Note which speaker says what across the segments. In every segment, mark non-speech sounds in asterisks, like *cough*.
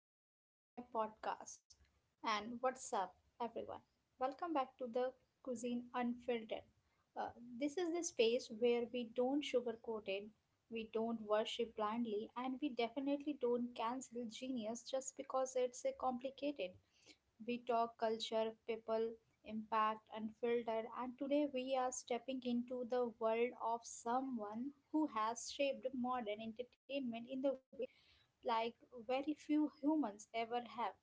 Speaker 1: and welcome to my podcast. And what's up, everyone? Welcome back to the Cuisine Unfiltered. Uh, this is the space where we don't sugarcoat it, we don't worship blindly, and we definitely don't cancel genius just because it's a complicated. We talk culture, people, impact, unfiltered, and today we are stepping into the world of someone who has shaped modern entertainment in the way, like, very few humans ever have.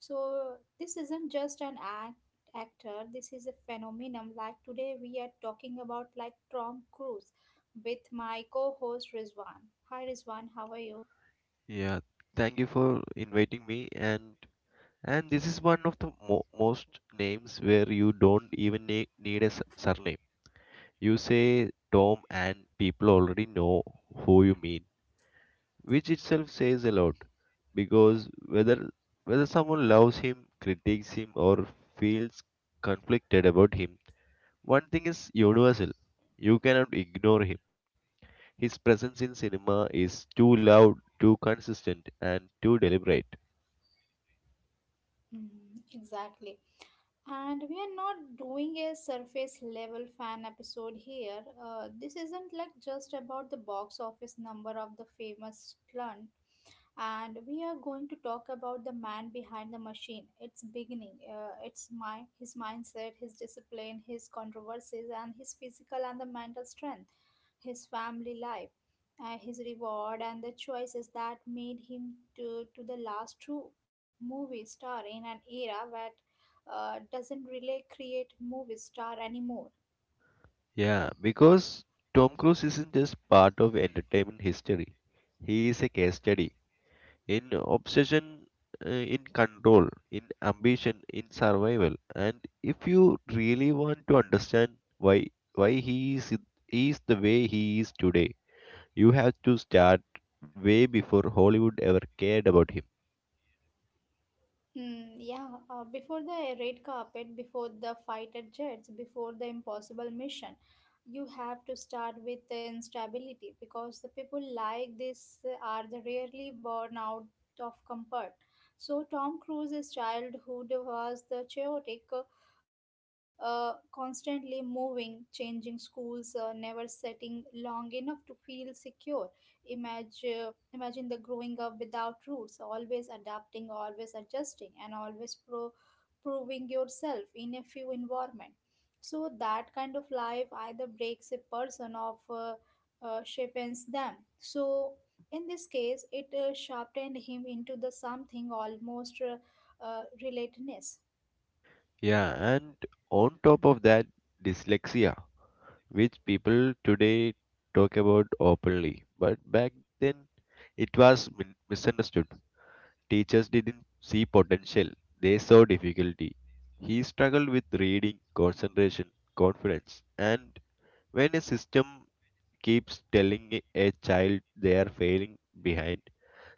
Speaker 1: So this isn't just an actor, this is a phenomenon. Like today we are talking about like Tom Cruise with my co-host Rizwan. Hi Rizwan, how are you?
Speaker 2: Yeah, thank you for inviting me, and this is one of the most names where you don't even need a surname. You say Tom and people already know who you mean, which itself says a lot because whether someone loves him, critiques him or feels conflicted about him, one thing is universal. You cannot ignore him. His presence in cinema is too loud, too consistent and too deliberate.
Speaker 1: Mhm, exactly. And we are not doing a surface level fan episode here. This isn't like just about the box office number of the famous stunt, and we are going to talk about the man behind the machine, its beginning, its mind, his mindset, his discipline, his controversies, and his physical and the mental strength, his family life, his reward and the choices that made him to the last true movie star in an era that doesn't really create movie star anymore.
Speaker 2: Yeah, because Tom Cruise isn't just part of entertainment history. He is a case study in obsession, in control, in ambition, in survival. And if you really want to understand why why he is the way he is today, you have to start way before Hollywood ever cared about him.
Speaker 1: Hmm, yeah. Before the red carpet, before the fighter jets, before the impossible mission, you have to start with the instability because the people like this are the rarely born out of comfort. So Tom Cruise's childhood was the chaotic, constantly moving, changing schools, never setting long enough to feel secure. Imagine Imagine the growing up without roots, always adapting, always adjusting, and always proving yourself in a few environment. So that kind of life either breaks a person or sharpens them. So in this case, it sharpened him into the something almost relatedness.
Speaker 2: Yeah, and on top of that, dyslexia, which people today talk about openly. But back then, it was misunderstood. Teachers didn't see potential, they saw difficulty. He struggled with reading, concentration, confidence. And when a system keeps telling a child they are failing behind,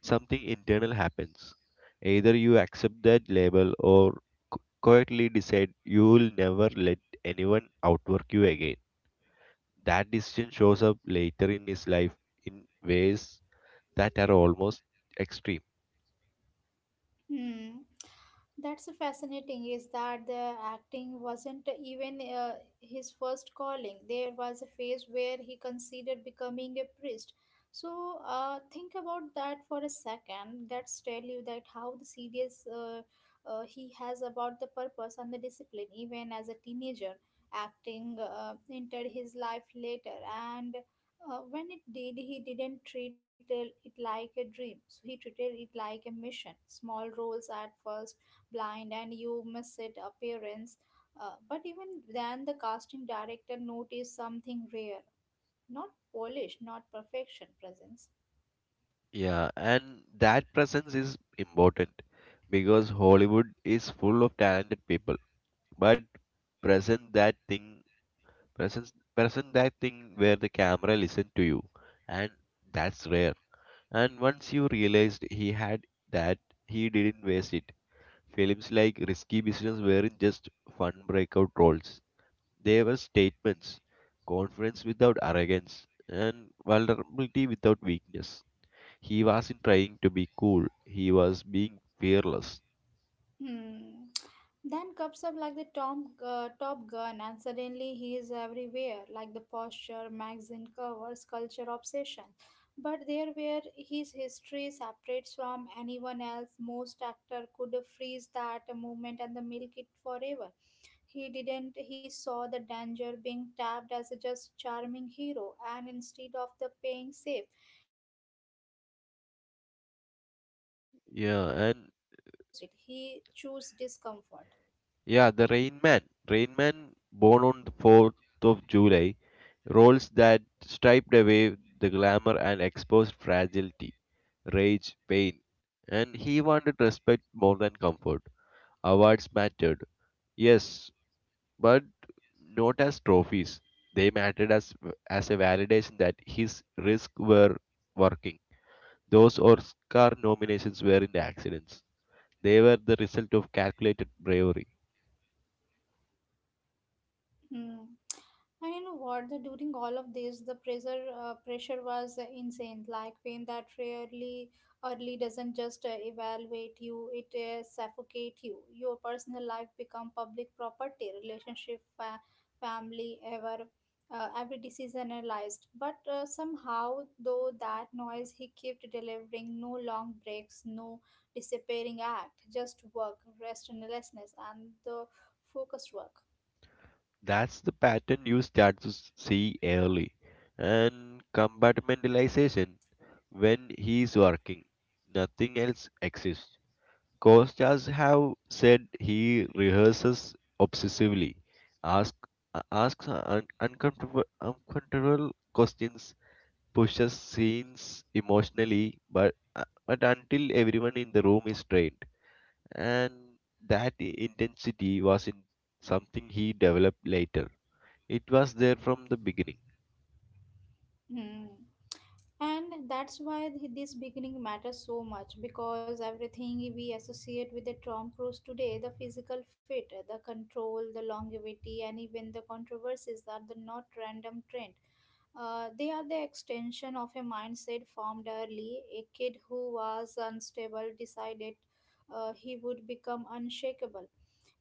Speaker 2: something internal happens. Either you accept that label or qu- quietly decide you will never let anyone outwork you again. That decision shows up later in his life in ways that are almost extreme.
Speaker 1: Hmm. That's fascinating is that the acting wasn't even his first calling. There was a phase where he considered becoming a priest. So think about that for a second. That's tell you that how the serious he has about the purpose and the discipline. Even as a teenager, acting entered his life later, and when it did, he didn't treat it like a dream. So he treated it like a mission. Small roles at first, blind and you miss it appearance. But even then, the casting director noticed something rare, not polish, not perfection presence.
Speaker 2: Yeah, and that presence is important because Hollywood is full of talented people, but present that thing, present that thing where the camera listen to you, and that's rare. And once you realized he had that, he didn't waste it. Films like Risky Business weren't just fun breakout roles. They were statements, confidence without arrogance, and vulnerability without weakness. He wasn't trying to be cool, he was being fearless.
Speaker 1: Hmm. Then comes up like the Top Gun, and suddenly he is everywhere, like the posture, magazine covers, culture obsession. But there, where his history separates from anyone else, most actor could freeze that moment and the milk it forever. He didn't. He saw the danger being tabbed as a just charming hero, and instead of the paying safe, he did the opposite. He chose discomfort.
Speaker 2: Yeah, and yeah, the Rain Man. Rain Man, born on the 4th of July, roles that striped away the glamour and exposed fragility, rage, pain. And he wanted respect more than comfort. Awards mattered. Yes, but not as trophies. They mattered as a validation that his risks were working. Those Oscar nominations weren't accidents. They were the result of calculated bravery.
Speaker 1: Hmm. And you know what? During all of this, the pressure was insane. Like pain that rarely early doesn't just evaluate you; it suffocate you. Your personal life become public property. Relationship, family, every decision analyzed. But somehow, though that noise, he kept delivering. No long breaks, no disappearing act. Just work, restlessness, and the focused work.
Speaker 2: That's the pattern you start to see early. And compartmentalization when he is working, nothing else exists. Costas have said he rehearses obsessively, ask, asks uncomfortable questions, pushes scenes emotionally, but until everyone in the room is trained, and that intensity was in something he developed later. It was there from the beginning,
Speaker 1: Hmm. And that's why this beginning matters so much because everything we associate with the Tom Cruise today, the physical fit, the control, the longevity, and even the controversies are the not random trend. They are the extension of a mindset formed early. A kid who was unstable decided he would become unshakable.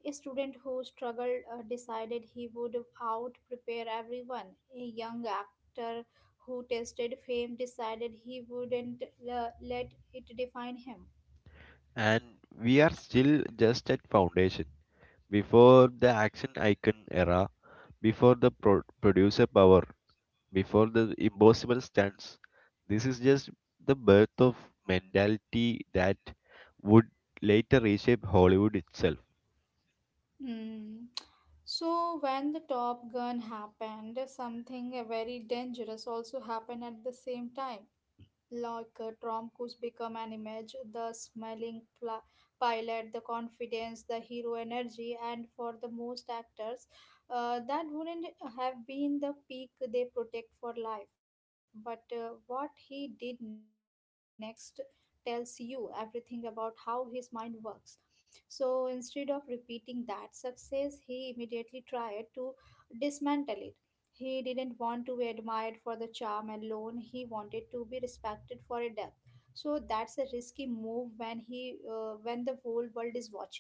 Speaker 1: A student who struggled decided he would out prepare everyone. A young actor who tested fame decided he wouldn't let it define him.
Speaker 2: and we are still just at foundation before the action icon era, before the producer power before the impossible stands. This is just the birth of mentality that would later reshape Hollywood itself.
Speaker 1: Hmm. So, when the Top Gun happened, something very dangerous also happened at the same time. Like, Tom Cruise become an image, the smiling pilot, the confidence, the hero energy, and for the most actors, that wouldn't have been the peak they protect for life. But what he did next tells you everything about how his mind works. So instead of repeating that success, he immediately tried to dismantle it. He didn't want to be admired for the charm alone, he wanted to be respected for a depth. So that's a risky move when he when the whole world is watching you.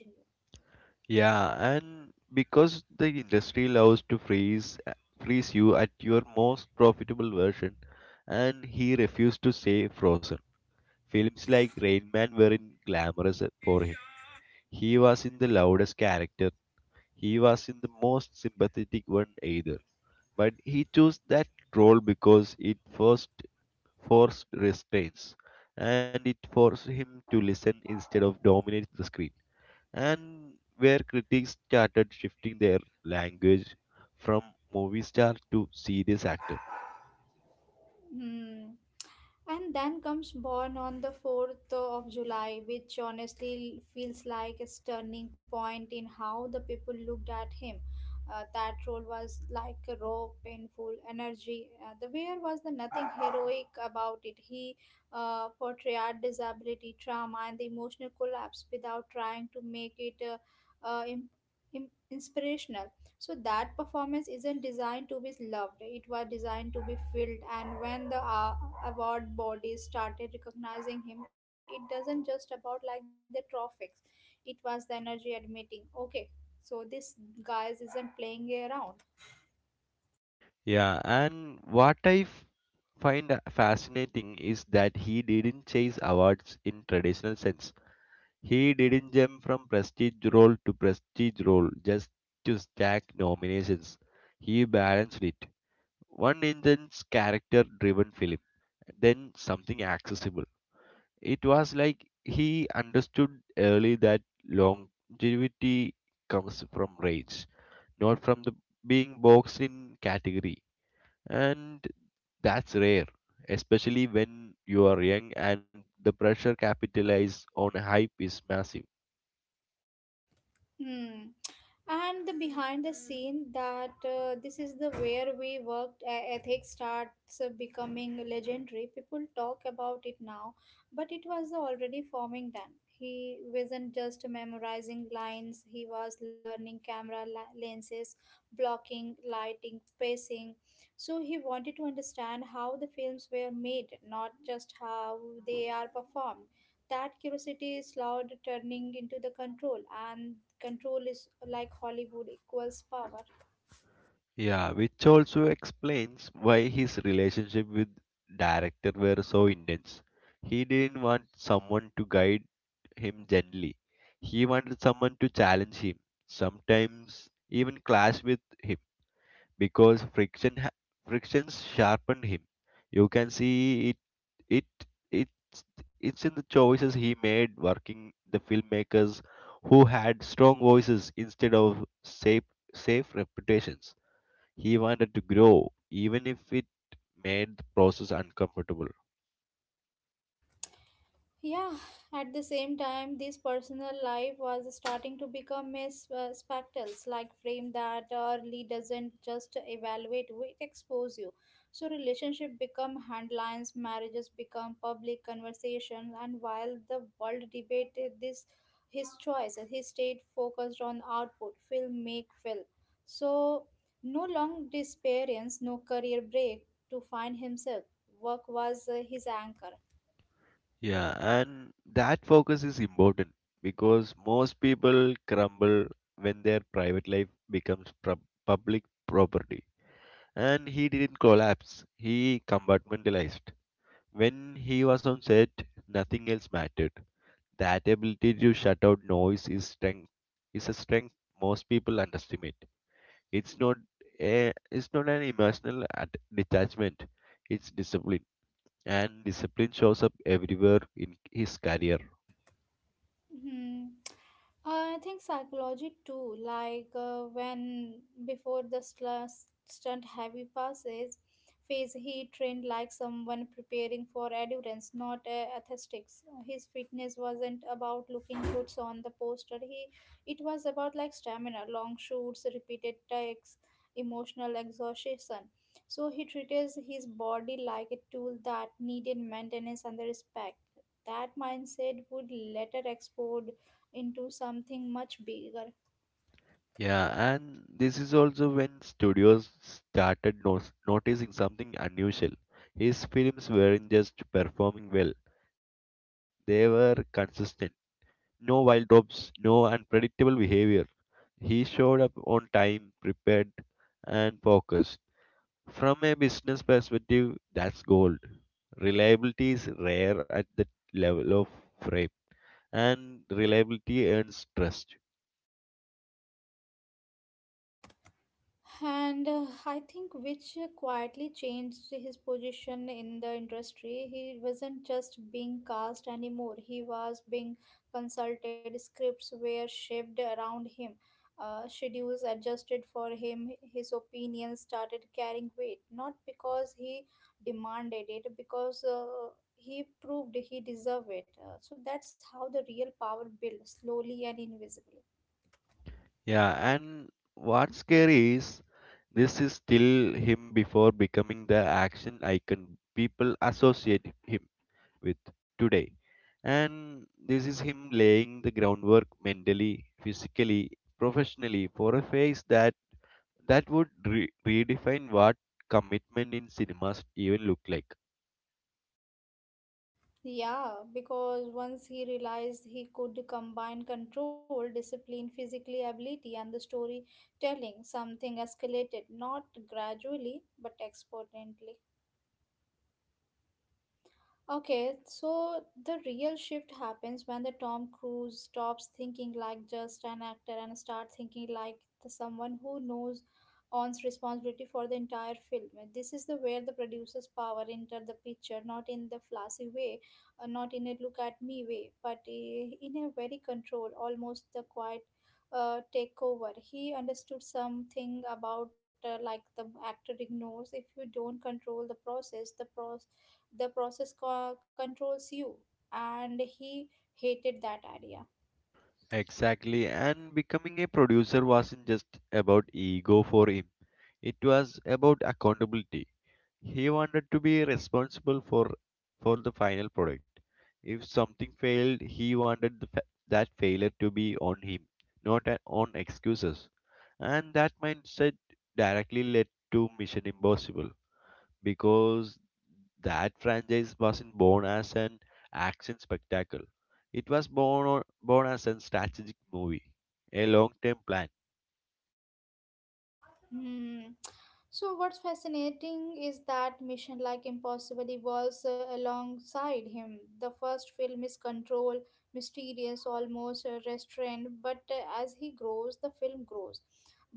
Speaker 2: Yeah, and because the industry loves to freeze you at your most profitable version, and he refused to stay frozen. Films like Rain Man weren't glamorous for him. He was in the loudest character. He was in the most sympathetic one either. But he chose that role because it first forced restraints, and it forced him to listen instead of dominate the screen. And where critics started shifting their language from movie star to serious actor.
Speaker 1: Hmm. And then comes Born on the 4th of July, which honestly feels like a turning point in how the people looked at him. That role was like a raw, painful energy. The wear was the nothing heroic about it. He portrayed disability, trauma, and the emotional collapse without trying to make it uh, im- inspirational. So that performance isn't designed to be loved, it was designed to be filled. And when the award bodies started recognizing him, it doesn't just about like the trophies, it was the energy admitting, okay, so this guys isn't playing around.
Speaker 2: Yeah, and what I find fascinating is that he didn't chase awards in traditional sense. He didn't jump from prestige role to prestige role just to stack nominations. He balanced it: one intense character driven film, then something accessible. It was like he understood early that longevity comes from rage, not from the being boxed in category. And that's rare, especially when you are young and the pressure capitalized on hype is massive.
Speaker 1: Hmm. And the behind the scene that, this is the where we worked ethics starts becoming legendary. People talk about it now, but it was already forming then. He wasn't just memorizing lines, he was learning camera lenses, blocking, lighting, pacing. So he wanted to understand how the films were made, not just how they are performed. That curiosity is loud turning into the control, and control is like Hollywood equals power.
Speaker 2: Yeah, which also explains why his relationship with director were so intense. He didn't want someone to guide him gently. He wanted someone to challenge him, sometimes even clash with him because frictions sharpened him. You can see it it it's it's in the choices he made working the filmmakers who had strong voices instead of safe reputations. He wanted to grow, even if it made the process uncomfortable.
Speaker 1: Yeah, at the same time, this personal life was starting to become a spectacles, like frame that early doesn't just evaluate, it expose you. So relationship become handlines, marriages become public conversation, and while the world debated this, his choice, and he stayed focused on output, film make film. So no long disappearance, no career break to find himself. Work was his anchor.
Speaker 2: Yeah, and that focus is important because most people crumble when their private life becomes public property. And he didn't collapse, he compartmentalized. When he was on set, nothing else mattered. That ability to shut out noise is strength, is a strength most people underestimate. It's not it's not an emotional detachment. It's discipline, and discipline shows up everywhere in his career.
Speaker 1: Hmm. I think psychology too. Like, when before the stunt heavy passes phase, he trained like someone preparing for endurance, not athletics. His fitness wasn't about looking good on the poster. It was about like stamina, long shoots, repeated takes, emotional exhaustion. So he treated his body like a tool that needed maintenance and the respect. That mindset would later explode into something much bigger.
Speaker 2: Yeah, and this is also when studios started noticing something unusual. His films weren't just performing well; they were consistent. No wild drops, no unpredictable behavior. He showed up on time, prepared, and focused. From a business perspective, that's gold. Reliability is rare at the level of frame, and reliability earns trust.
Speaker 1: And I think which quietly changed his position in the industry. He wasn't just being cast anymore, he was being consulted. Scripts were shaped around him, schedules adjusted for him, his opinions started carrying weight, not because he demanded it, because he proved he deserved it. So that's how the real power built, slowly and invisibly.
Speaker 2: Yeah, and what's scary is this is still him before becoming the action icon people associate him with today. And this is him laying the groundwork mentally, physically, professionally for a phase that would redefine what commitment in cinemas even looked like.
Speaker 1: Yeah, because once he realized he could combine control, discipline, physically ability, and the storytelling, something escalated not gradually but exponentially. Okay, so the real shift happens when the Tom Cruise stops thinking like just an actor and start thinking like the someone who knows owns responsibility for the entire film. This is the where the producer's power enter the picture, not in the flashy way, not in a look at me way, but in a very controlled, almost the quiet takeover. He understood something about, like the actor ignores. If you don't control the process, the controls you, and he hated that idea.
Speaker 2: Exactly, and becoming a producer wasn't just about ego for him, it was about accountability. He wanted to be responsible for the final product. If something failed, he wanted that failure to be on him, not on excuses. And that mindset directly led to Mission Impossible because that franchise wasn't born as an action spectacle. It was born as a strategic movie, a long-term plan.
Speaker 1: Hmm. So, what's fascinating is that Mission Like Impossible evolves alongside him. The first film is controlled, mysterious, almost restrained, but as he grows, the film grows.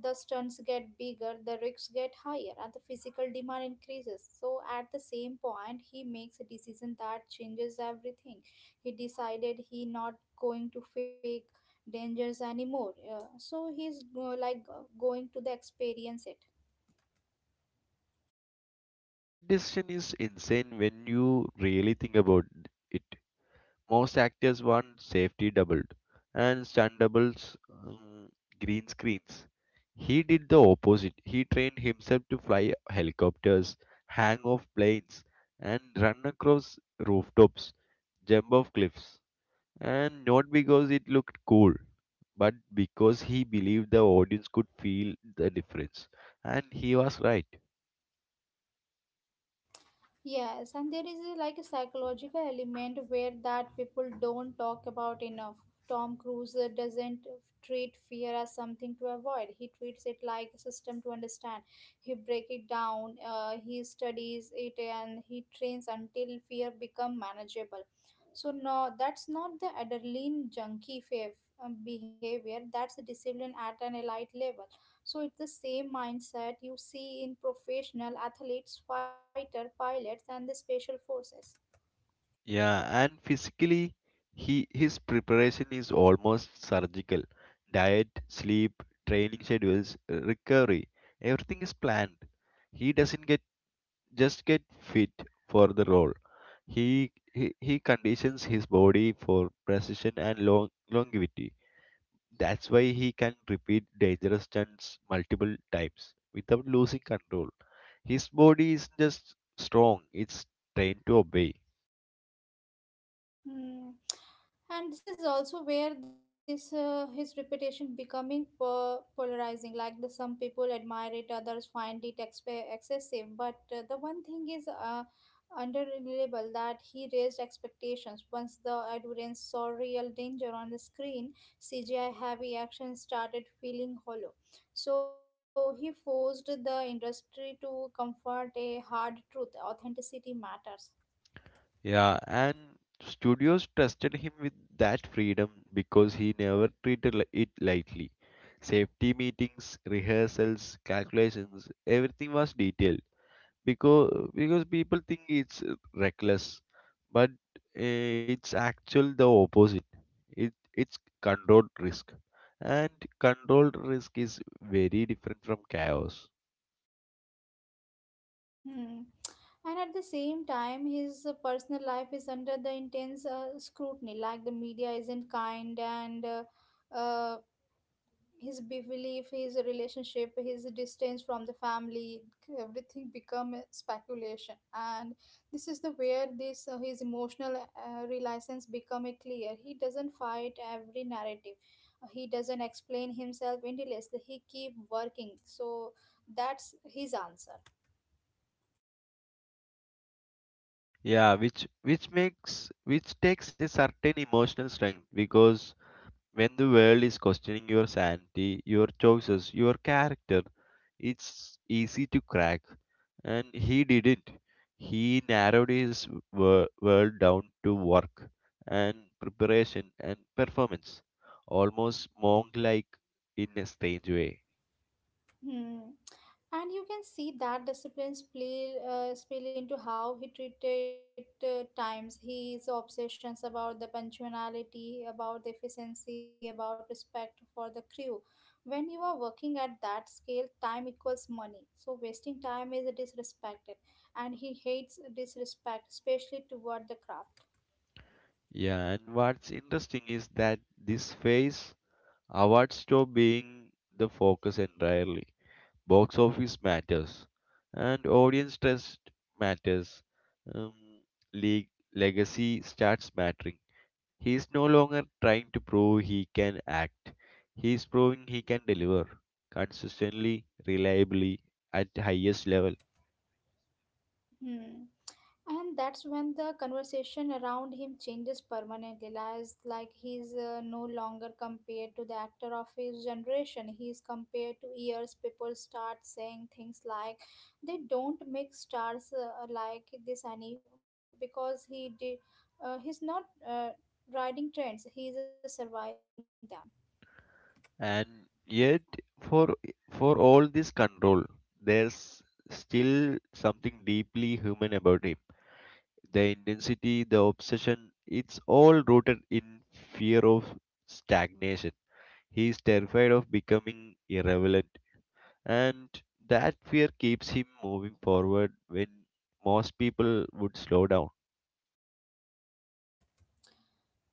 Speaker 1: The stunts get bigger, the risks get higher, and the physical demand increases. So, at the same point, he makes a decision that changes everything. He decided he not going to fake dangerous anymore. Yeah. So he's going to the experience it.
Speaker 2: And and that decision is insane when you really think about it. Most actors want safety doubled and stunt doubles, green screens. He did the opposite. He trained himself to fly helicopters, hang off planes, and run across rooftops, jump off cliffs. And not because it looked cool, but because he believed the audience could feel the difference. And he was right.
Speaker 1: Yes, and there is a, like a psychological element where that people don't talk about enough. Tom Cruise doesn't treat fear as something to avoid. He treats it like a system to understand. He break it down. He studies it and he trains until fear become manageable. So no, that's not the adrenaline junkie behavior. That's the discipline at an elite level. So it's the same mindset you see in professional athletes, fighter pilots, and the special forces.
Speaker 2: Yeah, and physically, he his preparation is almost surgical. Diet, sleep, training schedules, recovery, everything is planned. He doesn't get fit for the role. He conditions his body for precision and longevity. That's why he can repeat dangerous stunts multiple times without losing control. His body is just strong, it's trained to obey.
Speaker 1: Hmm. And this is also where this, his reputation becoming polarizing. Like the some people admire it, others find it excessive. But the one thing is unreliable that he raised expectations. Once the audience saw real danger on the screen, CGI heavy action started feeling hollow. So he forced the industry to comfort a hard truth: authenticity matters.
Speaker 2: Yeah, and studios trusted him with that freedom because he never treated it lightly. Safety meetings, rehearsals, calculations, everything was detailed because people think it's reckless, but it's actually the opposite. It's controlled risk, and controlled risk is very different from chaos.
Speaker 1: Hmm. And at the same time, his personal life is under the intense scrutiny. Like the media isn't kind, and uh, his belief, his relationship, his distance from the family, everything become a speculation. And this is the where this his emotional reliance become a clear. He doesn't fight every narrative. He doesn't explain himself endlessly. He keep working. So that's his answer.
Speaker 2: Yeah, which makes which takes a certain emotional strength because when the world is questioning your sanity, your choices, your character, it's easy to crack, and he didn't. He narrowed his world down to work and preparation and performance, almost monk like in a strange way.
Speaker 1: Hmm. And you can see that discipline spill, spill into how he treated times, his obsessions about the punctuality, about the efficiency, about respect for the crew. When you are working at that scale, time equals money. So wasting time is disrespected, and he hates disrespect, especially toward the craft.
Speaker 2: Yeah, and what's interesting is that this phase awards stop being the focus entirely. Box office matters, and audience trust matters. Um, league Legacy starts mattering. He is no longer trying to prove he can act. He is proving he can deliver consistently, reliably, at highest level.
Speaker 1: Hmm. And that's when the conversation around him changes permanently. Lies like he's no longer compared to the actor of his generation. He's compared to years. People start saying things like they don't make stars like this anymore because he did. He's not riding trends. He's surviving them.
Speaker 2: And yet, for for all this control, there's still something deeply human about him. The intensity, the obsession, it's all rooted in fear of stagnation. He is terrified of becoming irrelevant, and that fear keeps him moving forward when most people would slow down.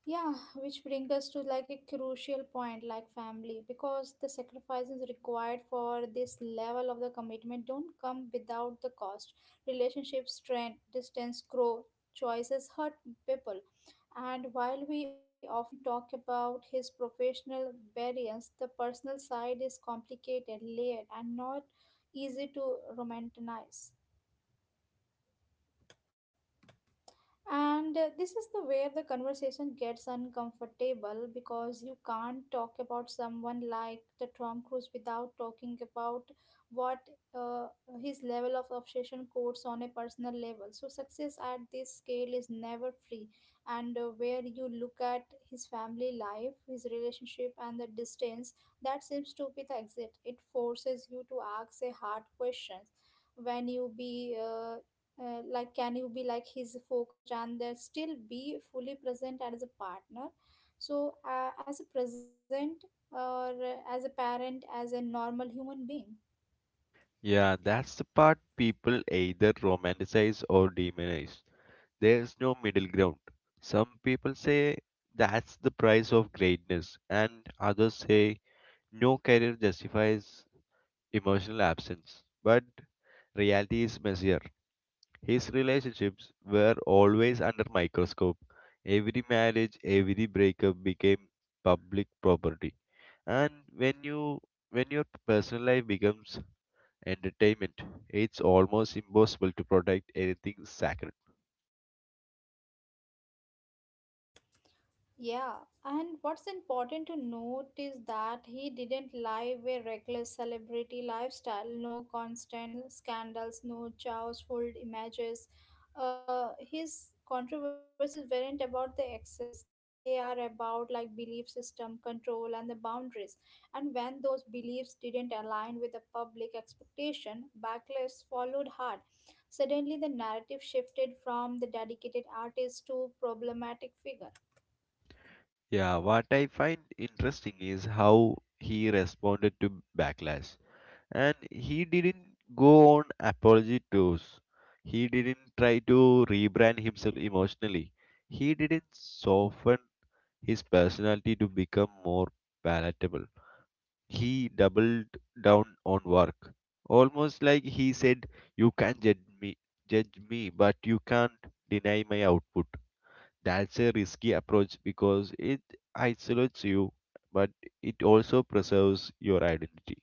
Speaker 1: Yeah, which brings us to like a crucial point like family because the sacrifices required for this level of the commitment don't come without the cost. Relationships strain, distance grow, choices hurt people. And while we often talk about his professional variance, the personal side is complicated, layered, and not easy to romanticize. And this is the where the conversation gets uncomfortable because you can't talk about someone like the Tom Cruise without talking about what uh, his level of obsession codes on a personal level. So success at this scale is never free, and where you look at his family life, his relationship, and the distance that seems to be the exit. It forces you to ask a hard question when you be like can you be like his focused and there still be fully present as a partner so as a present or as a parent as a normal human being.
Speaker 2: Yeah, that's the part people either romanticize or demonize. There's no middle ground. Some people say that's the price of greatness, and others say no career justifies emotional absence. But reality is messier. His relationships were always under microscope. Every marriage, every breakup became public property. And when you when your personal life becomes entertainment, it's almost impossible to protect anything sacred.
Speaker 1: Yeah, and what's important to note is that he didn't live a reckless celebrity lifestyle, no constant scandals, no chaos-filled images. His controversies weren't about the excess. They are about like belief system, control, and the boundaries. And when those beliefs didn't align with the public expectation, backlash followed hard. Suddenly, the narrative shifted from the dedicated artist to problematic figure.
Speaker 2: Yeah, what I find interesting is how he responded to backlash. And he didn't go on apology tours. He didn't try to rebrand himself emotionally. He didn't soften his personality to become more palatable. He doubled down on work, almost like he said, "You can judge me, but you can't deny my output." That's a risky approach because it isolates you, but it also preserves your identity.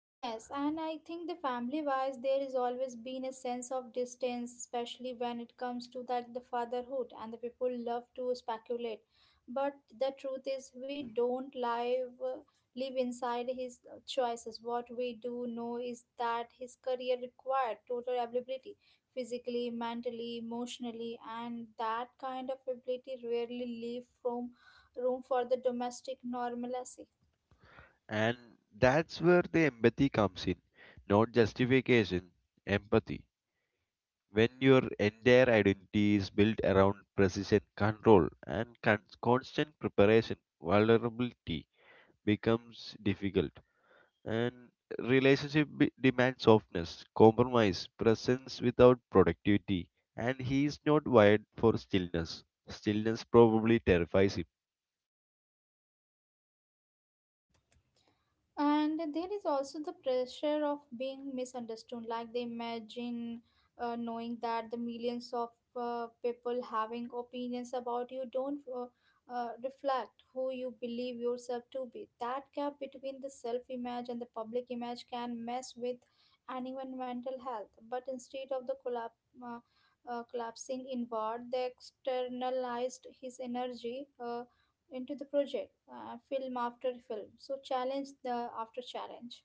Speaker 1: Yes, and I think the family wise there is always been a sense of distance, especially when it comes to that the fatherhood and the people love to speculate. But the truth is we don't live live inside his choices. What we do know is that his career required total availability physically, mentally, emotionally, and that kind of ability rarely leave from room for the domestic normalcy.
Speaker 2: And that's where the empathy comes in, not justification, empathy. When your entire identity is built around precision control and constant preparation, vulnerability becomes difficult. And relationship demands softness, compromise, presence without productivity. And he is not wired for stillness. Stillness probably terrifies him.
Speaker 1: And there is also the pressure of being misunderstood. Like they imagine knowing that the millions of people having opinions about you don't reflect who you believe yourself to be. That gap between the self image and the public image can mess with anyone' mental health. But instead of the collapse, uh, collapsing inward, they externalized his energy. Into the project, film after film. So challenge the after challenge.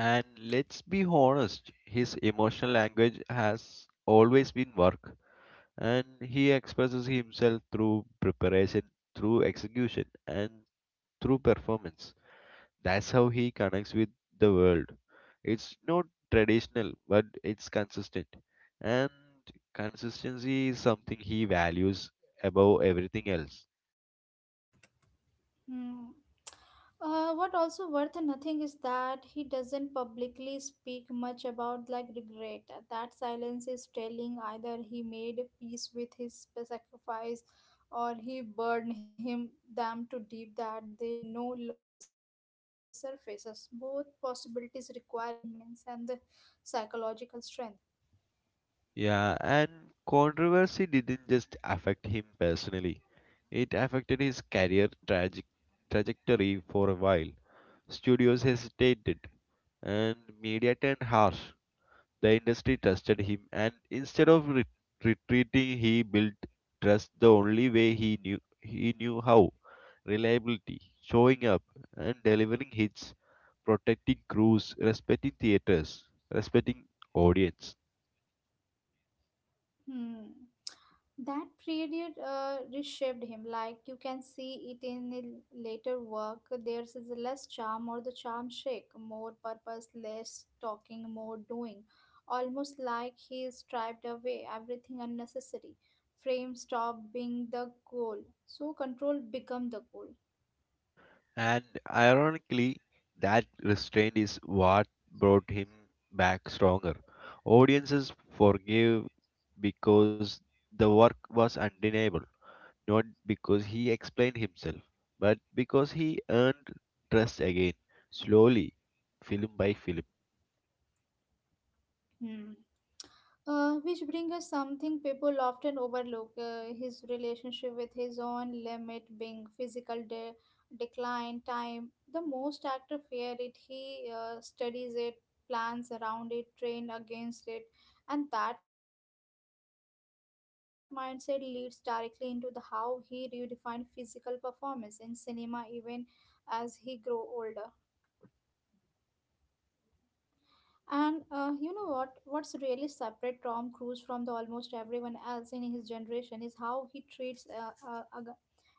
Speaker 2: And let's be honest, his emotional language has always been work, and he expresses himself through preparation, through execution, and through performance. That's how he connects with the world. It's not traditional, but it's consistent. And consistency is something he values above everything else.
Speaker 1: Hmm. What also worth nothing is that he doesn't publicly speak much about like regret. That silence is telling either he made peace with his sacrifice or he burned him them too deep that they no longer surfaces. Both possibilities require immense and the psychological strength.
Speaker 2: Yeah, and controversy didn't just affect him personally, it affected his career tragic trajectory for a while. Studios hesitated, and media turned harsh. The industry trusted him, and instead of retreating, he built trust the only way he knew how: reliability, showing up, and delivering hits, protecting crews, respecting theaters, respecting audience.
Speaker 1: Hmm. That period reshaped him. Like you can see it in his later work. There's is less charm or the charm shake, more purpose, less talking, more doing. Almost like he striped away everything unnecessary. Frame stopped being the goal, so control become the goal.
Speaker 2: And ironically, that restraint is what brought him back stronger. Audiences forgave because the work was undeniable, not because he explained himself, but because he earned trust again, slowly, film by film.
Speaker 1: Hmm. Which brings us something people often overlook his relationship with his own limit being physical decline time the most actor fear it he studies it plans around it train against it and that mindset leads directly into the how he redefined physical performance in cinema even as he grow older. And you know what? What's really separate Tom Cruise from the almost everyone else in his generation is how he treats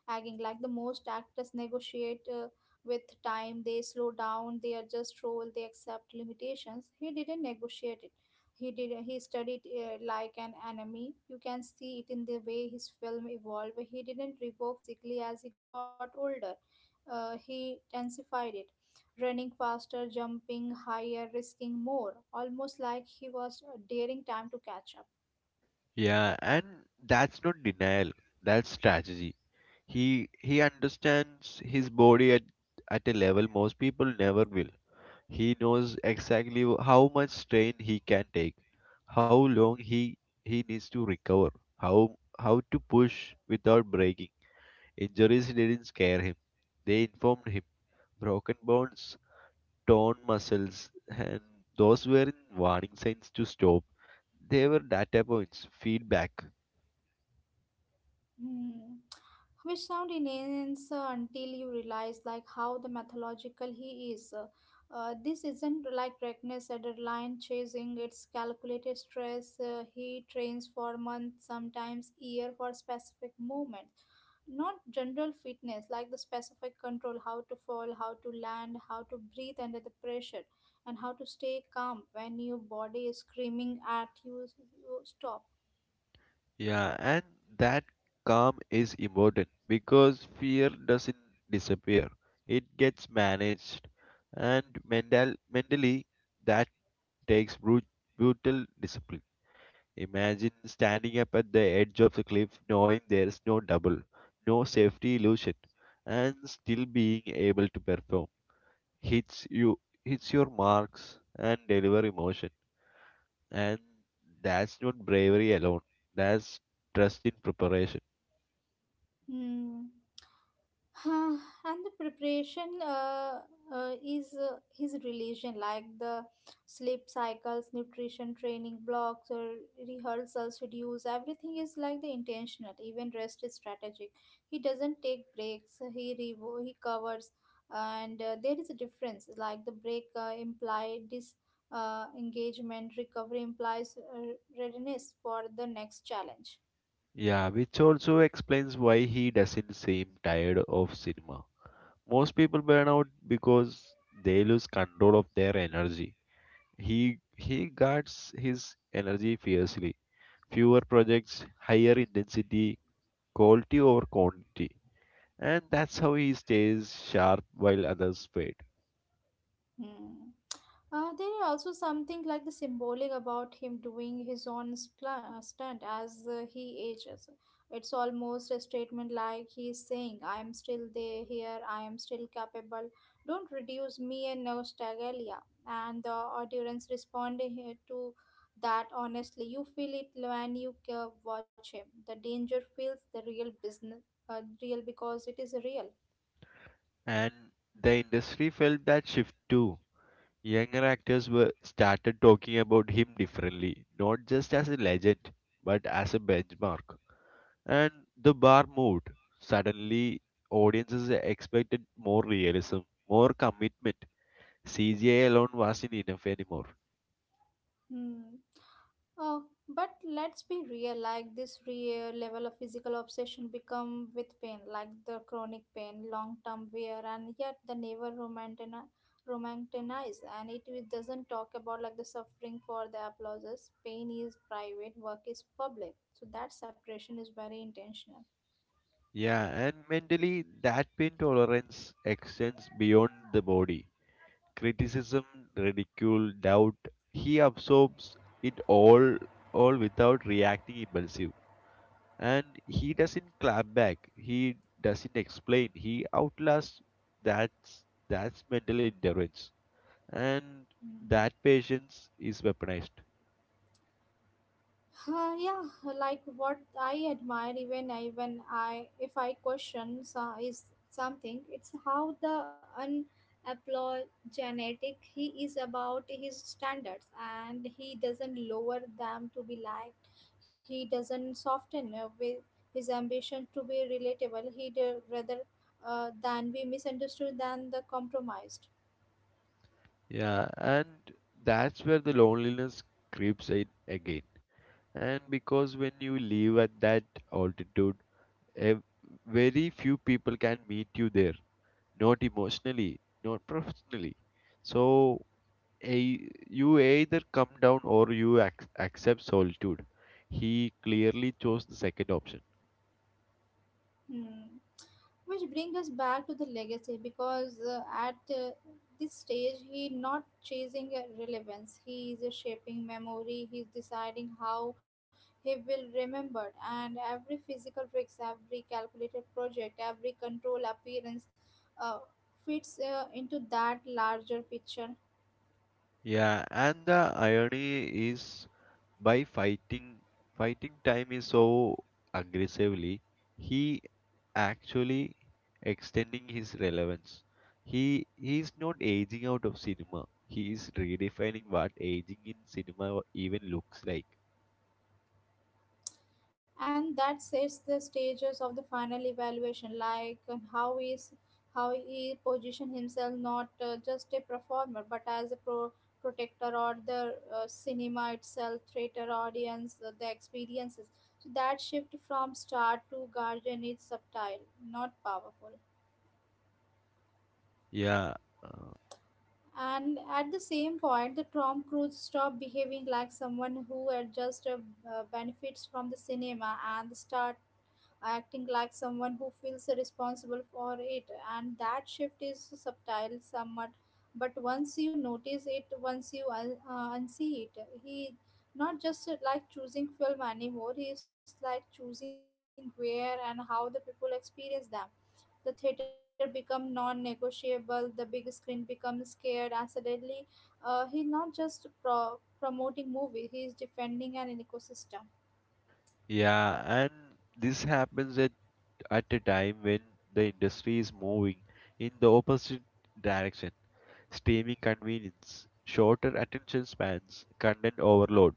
Speaker 1: Agging like the most actors negotiate with time, they slow down, they adjust role, they accept limitations. He didn't negotiate it. He did. He studied like an enemy. You can see it in the way his film evolved. He didn't revoke physically as he got older. He intensified it running faster, jumping higher, risking more, almost like he was daring time to catch up.
Speaker 2: Yeah, and that's not denial, that's strategy. He understands his body at a level most people never will. He knows exactly how much strain he can take, how long he needs to recover, how to push without breaking. Injuries didn't scare him. They informed him. Broken bones, torn muscles, and those were warning signs to stop. They were data points, feedback.
Speaker 1: Hmm. Which sound immense until you realize like how the mythological he is. This isn't like reckless adrenaline chasing; it's calculated stress. He trains for months, sometimes year, for specific movements, not general fitness like the specific control, how to fall, how to land, how to breathe under the pressure, and how to stay calm when your body is screaming at you. You stop.
Speaker 2: Yeah, and that calm is important because fear doesn't disappear. It gets managed, and mentally that takes brutal discipline. Imagine standing up at the edge of the cliff knowing there's no double, no safety illusion, and still being able to perform. Hits you hits your marks and deliver emotion. And that's not bravery alone. That's trust in preparation.
Speaker 1: Hmm. Huh, and the preparation is his religion, like the sleep cycles, nutrition, training blocks, or rehearsal schedules. Everything is like the intentional. Even rest is strategic. He doesn't take breaks. He covers, and there is a difference. Like the break imply dis. Engagement recovery implies readiness for the next challenge.
Speaker 2: Yeah, which also explains why he doesn't seem tired of cinema. Most people burn out because they lose control of their energy. He guards his energy fiercely. Fewer projects, higher intensity, quality over quantity. And that's how he stays sharp while others fade.
Speaker 1: Hmm. There is also something like the symbolic about him doing his own stunt as he ages. It's almost a statement like he's saying, I am still there, here, I am still capable. Don't reduce me and nostalgia. And the audience responding here to that honestly. You feel it when you watch him. The danger feels the real business, real because it is real.
Speaker 2: And the industry felt that shift too. Younger actors were started talking about him differently, not just as a legend, but as a benchmark. And the bar moved. Suddenly, audiences expected more realism, more commitment. CGI alone wasn't enough anymore.
Speaker 1: Hmm. Oh, but let's be real. Like this real level of physical obsession become with pain, like the chronic pain, long-term wear, and yet the never romanticize. And it doesn't talk about like the suffering for the applauses. Pain is private, work is public. So that separation is very intentional.
Speaker 2: Yeah, and mentally, that pain tolerance extends beyond the body. Criticism, ridicule, doubt, he absorbs it all without reacting impulsive. And he doesn't clap back. He doesn't explain. He outlasts. That's that's mental endurance. And
Speaker 1: Hmm.
Speaker 2: that patience is weaponized.
Speaker 1: Yeah, like what I admire, even if I question so, is something, it's how the unapologetic he is about his standards, and he doesn't lower them to be liked. He doesn't soften with his ambition to be relatable. He'd rather than be misunderstood than the compromised.
Speaker 2: Yeah, and that's where the loneliness creeps in again. And because when you live at that altitude, ev- very few people can meet you there, not emotionally, not professionally. So a, you either come down or you accept solitude. He clearly chose the second option.
Speaker 1: Hmm. Which brings us back to the legacy because at this stage he not chasing relevance he is shaping memory. He's deciding how he will remember and every physical tricks every calculated project every control appearance uh, fits into that larger picture.
Speaker 2: Yeah, and the irony is by fighting time is so aggressively he actually extending his relevance. He is not aging out of cinema, he is redefining what aging in cinema even looks like.
Speaker 1: And that sets the stages of the final evaluation like how he position himself not just a performer but as a protector or the cinema itself theater audience the experiences. So that shift from star to guardian is subtle not powerful.
Speaker 2: yeah uh,
Speaker 1: And at the same point the Tom Cruise stopped behaving like someone who had just benefits from the cinema and start acting like someone who feels responsible for it. And that shift is subtle somewhat but once you notice it once you unsee it he not just like choosing film anymore he is like choosing where and how the people experience them. The theater become non-negotiable the big screen becomes scared and suddenly he not just promoting movie he is defending an ecosystem.
Speaker 2: yeah and this happens at a time when the industry is moving in the opposite direction: streaming convenience, shorter attention spans, content overload,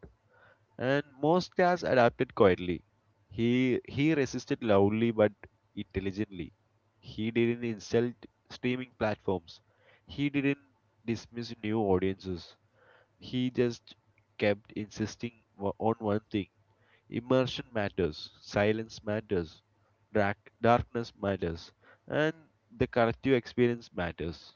Speaker 2: and Mostkas adapted quietly. He resisted loudly but intelligently. He didn't insult streaming platforms. He didn't dismiss new audiences. He just kept insisting on one thing: immersion matters, silence matters, darkness matters, and the collective experience matters.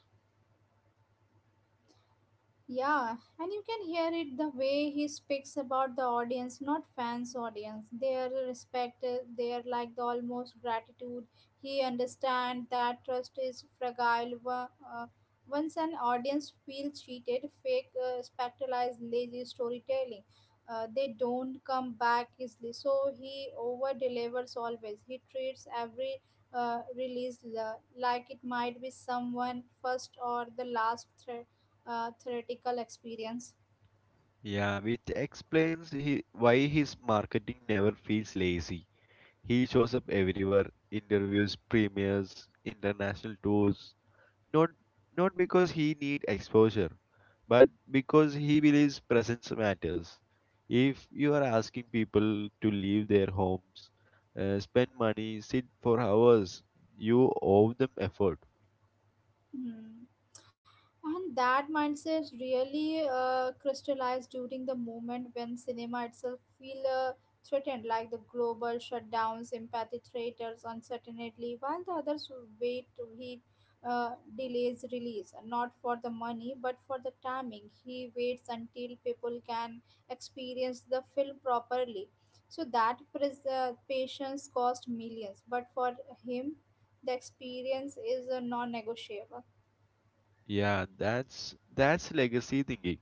Speaker 1: Yeah, and you can hear it the way he speaks about the audience, not fans' audience. Their respect, their like the almost gratitude. He understand that trust is fragile. Uh, Once an audience feels cheated, fake, spectacles, lazy storytelling, they don't come back easily. So he over delivers always. He treats every release like it might be someone first or the last threat theoretical experience.
Speaker 2: Yeah, which explains why his marketing never feels lazy. He shows up everywhere, interviews, premieres, international tours. Not not because he need exposure, but because he believes presence matters. If you are asking people to leave their homes, spend money, sit for hours, you owe them effort.
Speaker 1: Hmm. And that mindset really crystallized during the moment when cinema itself feel threatened, like the global shutdowns, empathy theaters, uncertainty, while the others wait to he uh, delays release, not for the money but for the timing. He waits until people can experience the film properly. So that patience cost millions, but for him, the experience is non-negotiable.
Speaker 2: Yeah, that's legacy thinking.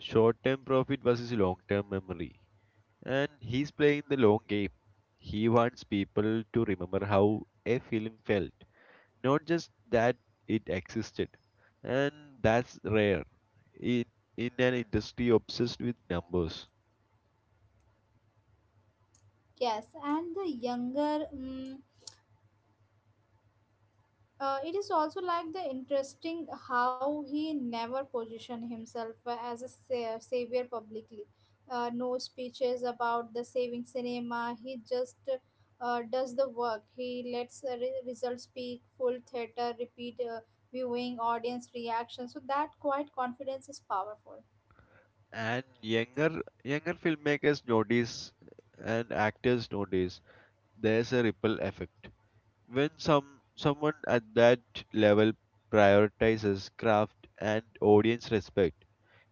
Speaker 2: Short term profit versus long term memory. And he's playing the long game. He wants people to remember how a film felt, not just that it existed. And that's rare in, in an industry obsessed with numbers.
Speaker 1: Yes, and the younger, mm it is also like the interesting how he never positioned himself as a savior publicly. No speeches about the saving cinema. He just does the work. He lets the results speak. Full theater, repeat viewing, audience reaction. So that quite confidence is powerful.
Speaker 2: And younger filmmakers notice and actors notice there's a ripple effect. When someone at that level prioritizes craft and audience respect,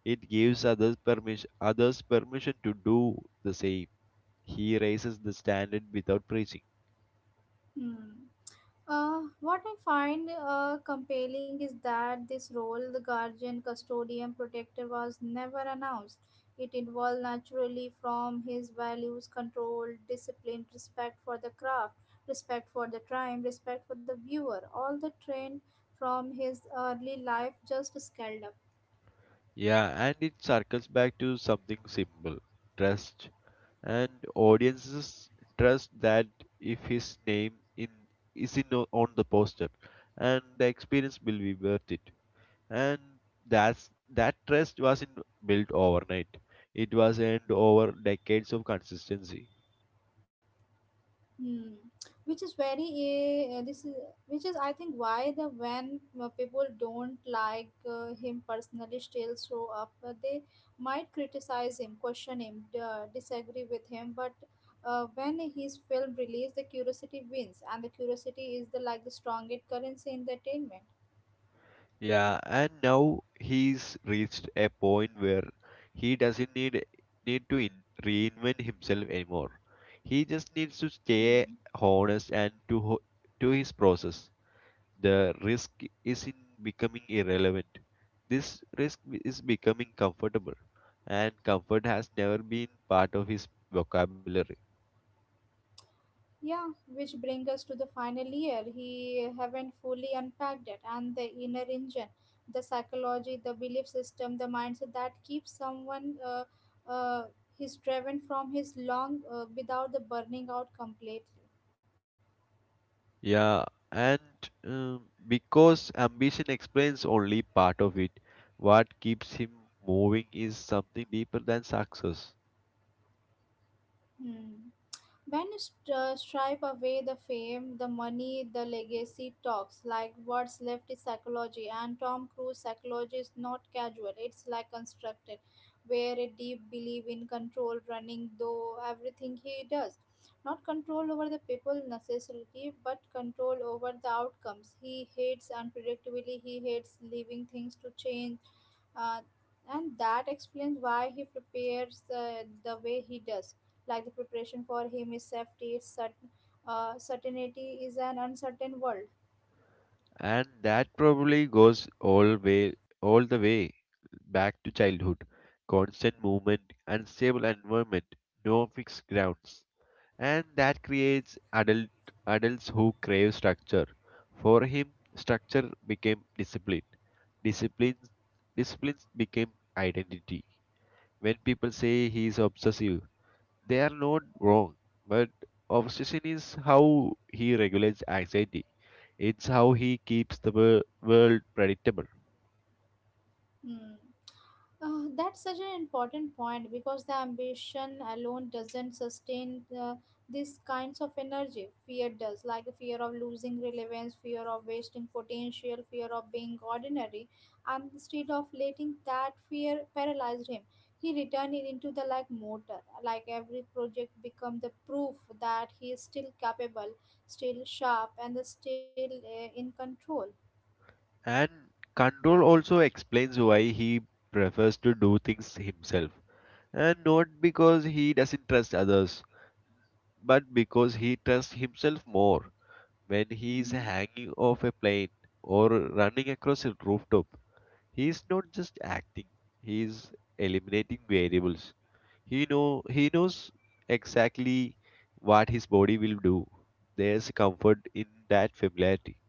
Speaker 2: it gives others permission to do the same. He raises the standard without preaching.
Speaker 1: Hmm. What I find compelling is that this role, the guardian, custodian, protector, was never announced. It evolved naturally from his values, control, discipline, respect for the craft, respect for the time, respect for the viewer. All the trained from his early life just scaled up.
Speaker 2: Yeah, and it circles back to something simple. Trust. And audiences trust that if his name in is on the poster and the experience will be worth it. And that's that trust wasn't built overnight. It was earned over decades of consistency.
Speaker 1: Hmm. Which is very this is which is I think why the when people don't like him personally still show up they might criticize him question him disagree with him but when his film release the curiosity wins and the curiosity is the like the strongest currency in the attainment.
Speaker 2: Yeah, and now he's reached a point where he doesn't need to reinvent himself anymore. He just needs to
Speaker 1: Hmm.
Speaker 2: stay honest and to his process. The risk is in becoming irrelevant. This risk is becoming comfortable, and comfort has never been part of his vocabulary.
Speaker 1: Yeah, which brings us to the final year. He haven't fully unpacked it, and the inner engine, the psychology, the belief system, the mindset that keeps someone uh, he's driven from his long without the burning out completely.
Speaker 2: Yeah, and because ambition explains only part of it, what keeps him moving is something deeper than success,
Speaker 1: Hmm. When you stripe away the fame, the money, the legacy talks, like what's left is psychology, and Tom Cruise psychology is not casual, it's like constructed, where a deep belief in control running though everything he does. Not control over the people necessarily, but control over the outcomes. He hates unpredictability, he hates leaving things to change. Uh, and that explains why he prepares the way he does, like the preparation for him is safety, it's certainty is an uncertain world.
Speaker 2: and that probably goes all the way back to childhood. Constant movement, unstable environment, no fixed grounds, and that creates adults who crave structure. For him, structure became discipline. Discipline, Discipline became identity. When people say he is obsessive, they are not wrong, but obsession is how he regulates anxiety. It's how he keeps the world predictable.
Speaker 1: Hmm. That's such an important point because the ambition alone doesn't sustain these kinds of energy. Fear does, like the fear of losing relevance, fear of wasting potential, fear of being ordinary. And instead of letting that fear paralyze him, he returned it into the like motor. Like every project become the proof that he is still capable, still sharp, and still in control.
Speaker 2: And control also explains why he prefers to do things himself. And not because he doesn't trust others, but because he trusts himself more when he is
Speaker 1: Mhm.
Speaker 2: hanging off a plane or running across a rooftop. He is not just acting, he is eliminating variables. He know he knows exactly what his body will do. There's comfort in that familiarity.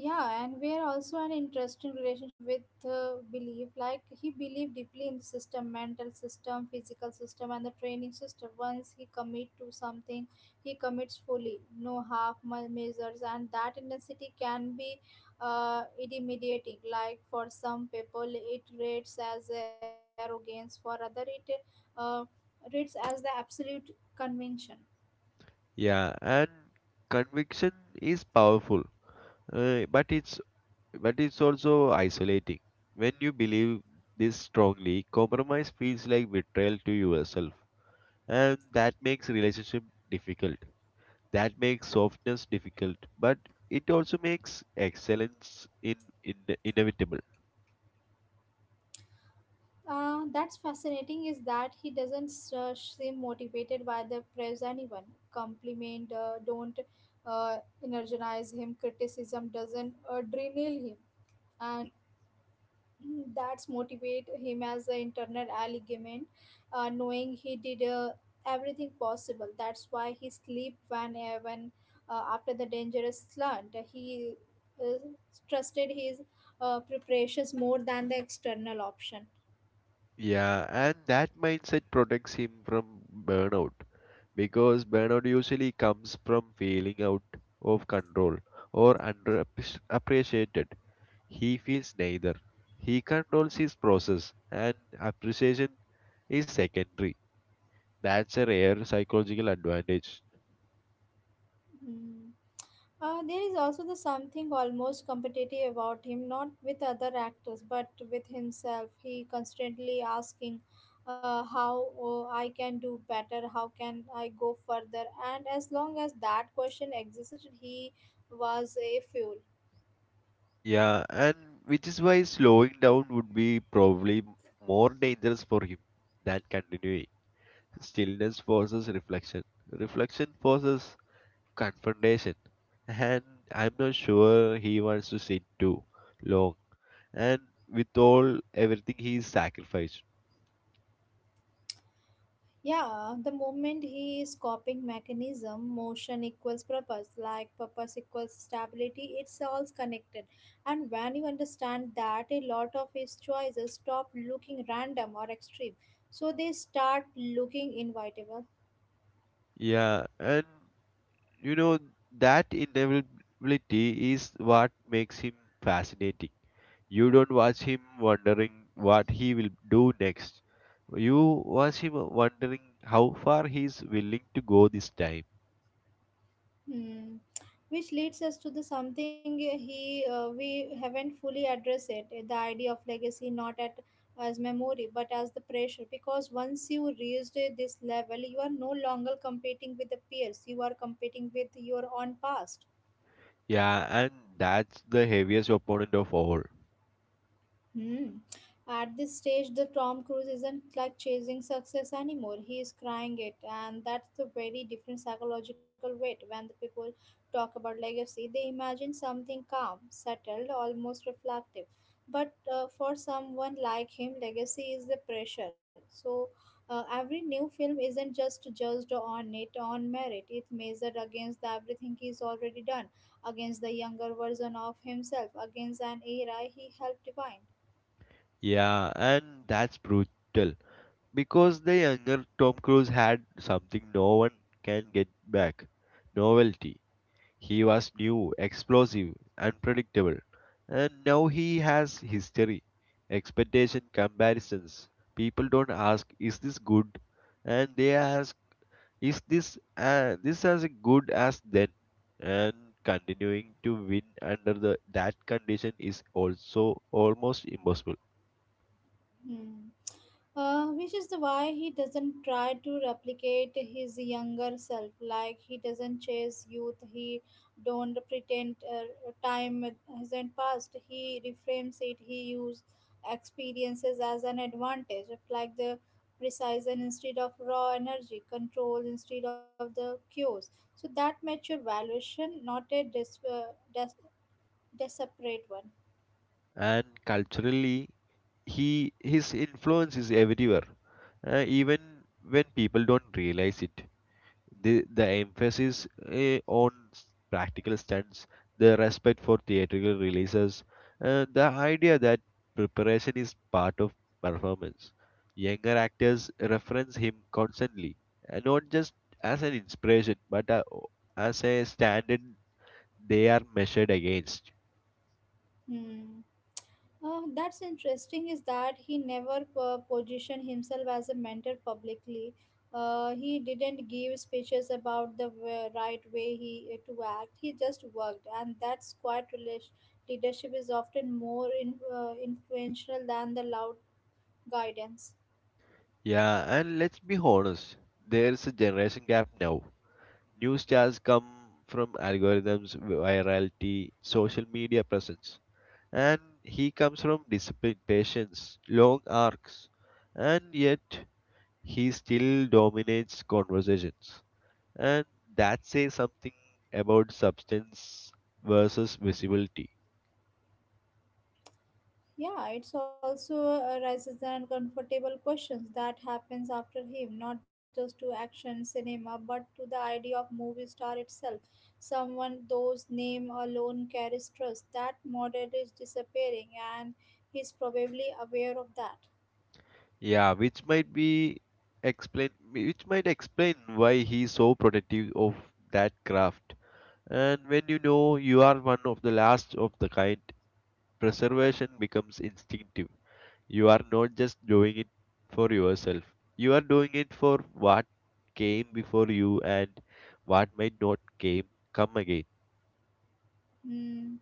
Speaker 1: Yeah, and we are also an interesting relationship with belief. Like he believed deeply in the system, mental system, physical system, and the training system. Once he commit to something, he commits fully, no measures, and that intensity can be intimidating. Like for some people, it reads as arrogance; for other, it uh, reads as the absolute convention.
Speaker 2: Yeah, and conviction is powerful, but it's also isolating. When you believe this strongly, compromise feels like betrayal to yourself, and that makes relationship difficult. That makes softness difficult, but it also makes excellence in inevitable.
Speaker 1: That's fascinating is that he doesn't seem motivated by the praise anyone compliment don't uh, energize him, criticism doesn't derail him, and *clears throat* that's motivate him as an internal argument, knowing he did everything possible, that's why he sleep when, after the dangerous slant he uh, trusted his preparations more than the external option.
Speaker 2: Yeah, and that mindset protects him from burnout because burnout usually comes from feeling out of control or underappreciated. He feels neither. He controls his process, and appreciation is secondary. That's a rare psychological advantage.
Speaker 1: Hmm. There is also the something almost competitive about him, not with other actors, but with himself. He constantly asking, "How oh, I can do better? How can I go further?" And as long as that question existed, he was a fuel.
Speaker 2: Yeah, and which is why slowing down would be probably more dangerous for him than continuing. Stillness forces reflection, reflection forces confrontation, and I'm not sure he wants to sit too long. And with all everything he sacrificed,
Speaker 1: Yeah, the moment he is copying mechanism, motion equals purpose, like purpose equals stability, it's all connected. And when you understand that, a lot of his choices stop looking random or extreme. So they start looking inevitable.
Speaker 2: yeah, and you know that inevitability is what makes him fascinating. You don't watch him wondering what he will do next. You watch him wondering how far he is willing to go this time.
Speaker 1: Hmm. Which leads us to the something he, we haven't fully addressed it, the idea of legacy, not at as memory but as the pressure, because once you reached this level you are no longer competing with the peers, you are competing with your own past.
Speaker 2: Yeah, and that's the heaviest opponent of all.
Speaker 1: Hmm. At this stage, the Tom Cruise isn't like chasing success anymore. He is crying it, and that's a very different psychological weight. When the people talk about legacy, they imagine something calm, settled, almost reflective. But for someone like him, legacy is the pressure. So every new film isn't just judged on it on merit. It's measured against the everything he's already done, against the younger version of himself, against an era he helped define.
Speaker 2: Yeah, and that's brutal. Because the younger Tom Cruise had something no one can get back: novelty. He was new, explosive, unpredictable, and now he has history, expectation, comparisons. People don't ask, "Is this good?" and they ask, "Is this as good as then?" And continuing to win under the that condition is also almost impossible.
Speaker 1: Mm. Which is the why he doesn't try to replicate his younger self. Like he doesn't chase youth. He don't pretend time hasn't passed. He reframes it. He use experiences as an advantage, like the precision instead of raw energy, control instead of the cues. So that mature valuation, not a desperate one.
Speaker 2: And culturally, he his influence is everywhere, even when people don't realize it. The emphasis on practical stunts, the respect for theatrical releases, the idea that preparation is part of performance. Younger actors reference him constantly, and not just as an inspiration, but as a standard they are measured against.
Speaker 1: Hmm. That's interesting is that he never positioned himself as a mentor publicly. He didn't give speeches about the right way he to act. He just worked, and that's quite leadership is often more in, influential than the loud guidance.
Speaker 2: Yeah, and let's be honest, there is a generation gap now. New stars come from algorithms, virality, social media presence, and he comes from discipline, patience, long arcs, and yet he still dominates conversations. And that says something about substance versus visibility.
Speaker 1: Yeah, it's also raises the uncomfortable questions that happens after him, not just to action cinema, but to the idea of movie star itself. Someone those name alone carries trust. That model is disappearing, and he's probably aware of that.
Speaker 2: Yeah, which might explain why he's so protective of that craft. And when you know you are one of the last of the kind, preservation becomes instinctive. You are not just doing it for yourself, you are doing it for what came before you and what might not came come again.
Speaker 1: Hmm.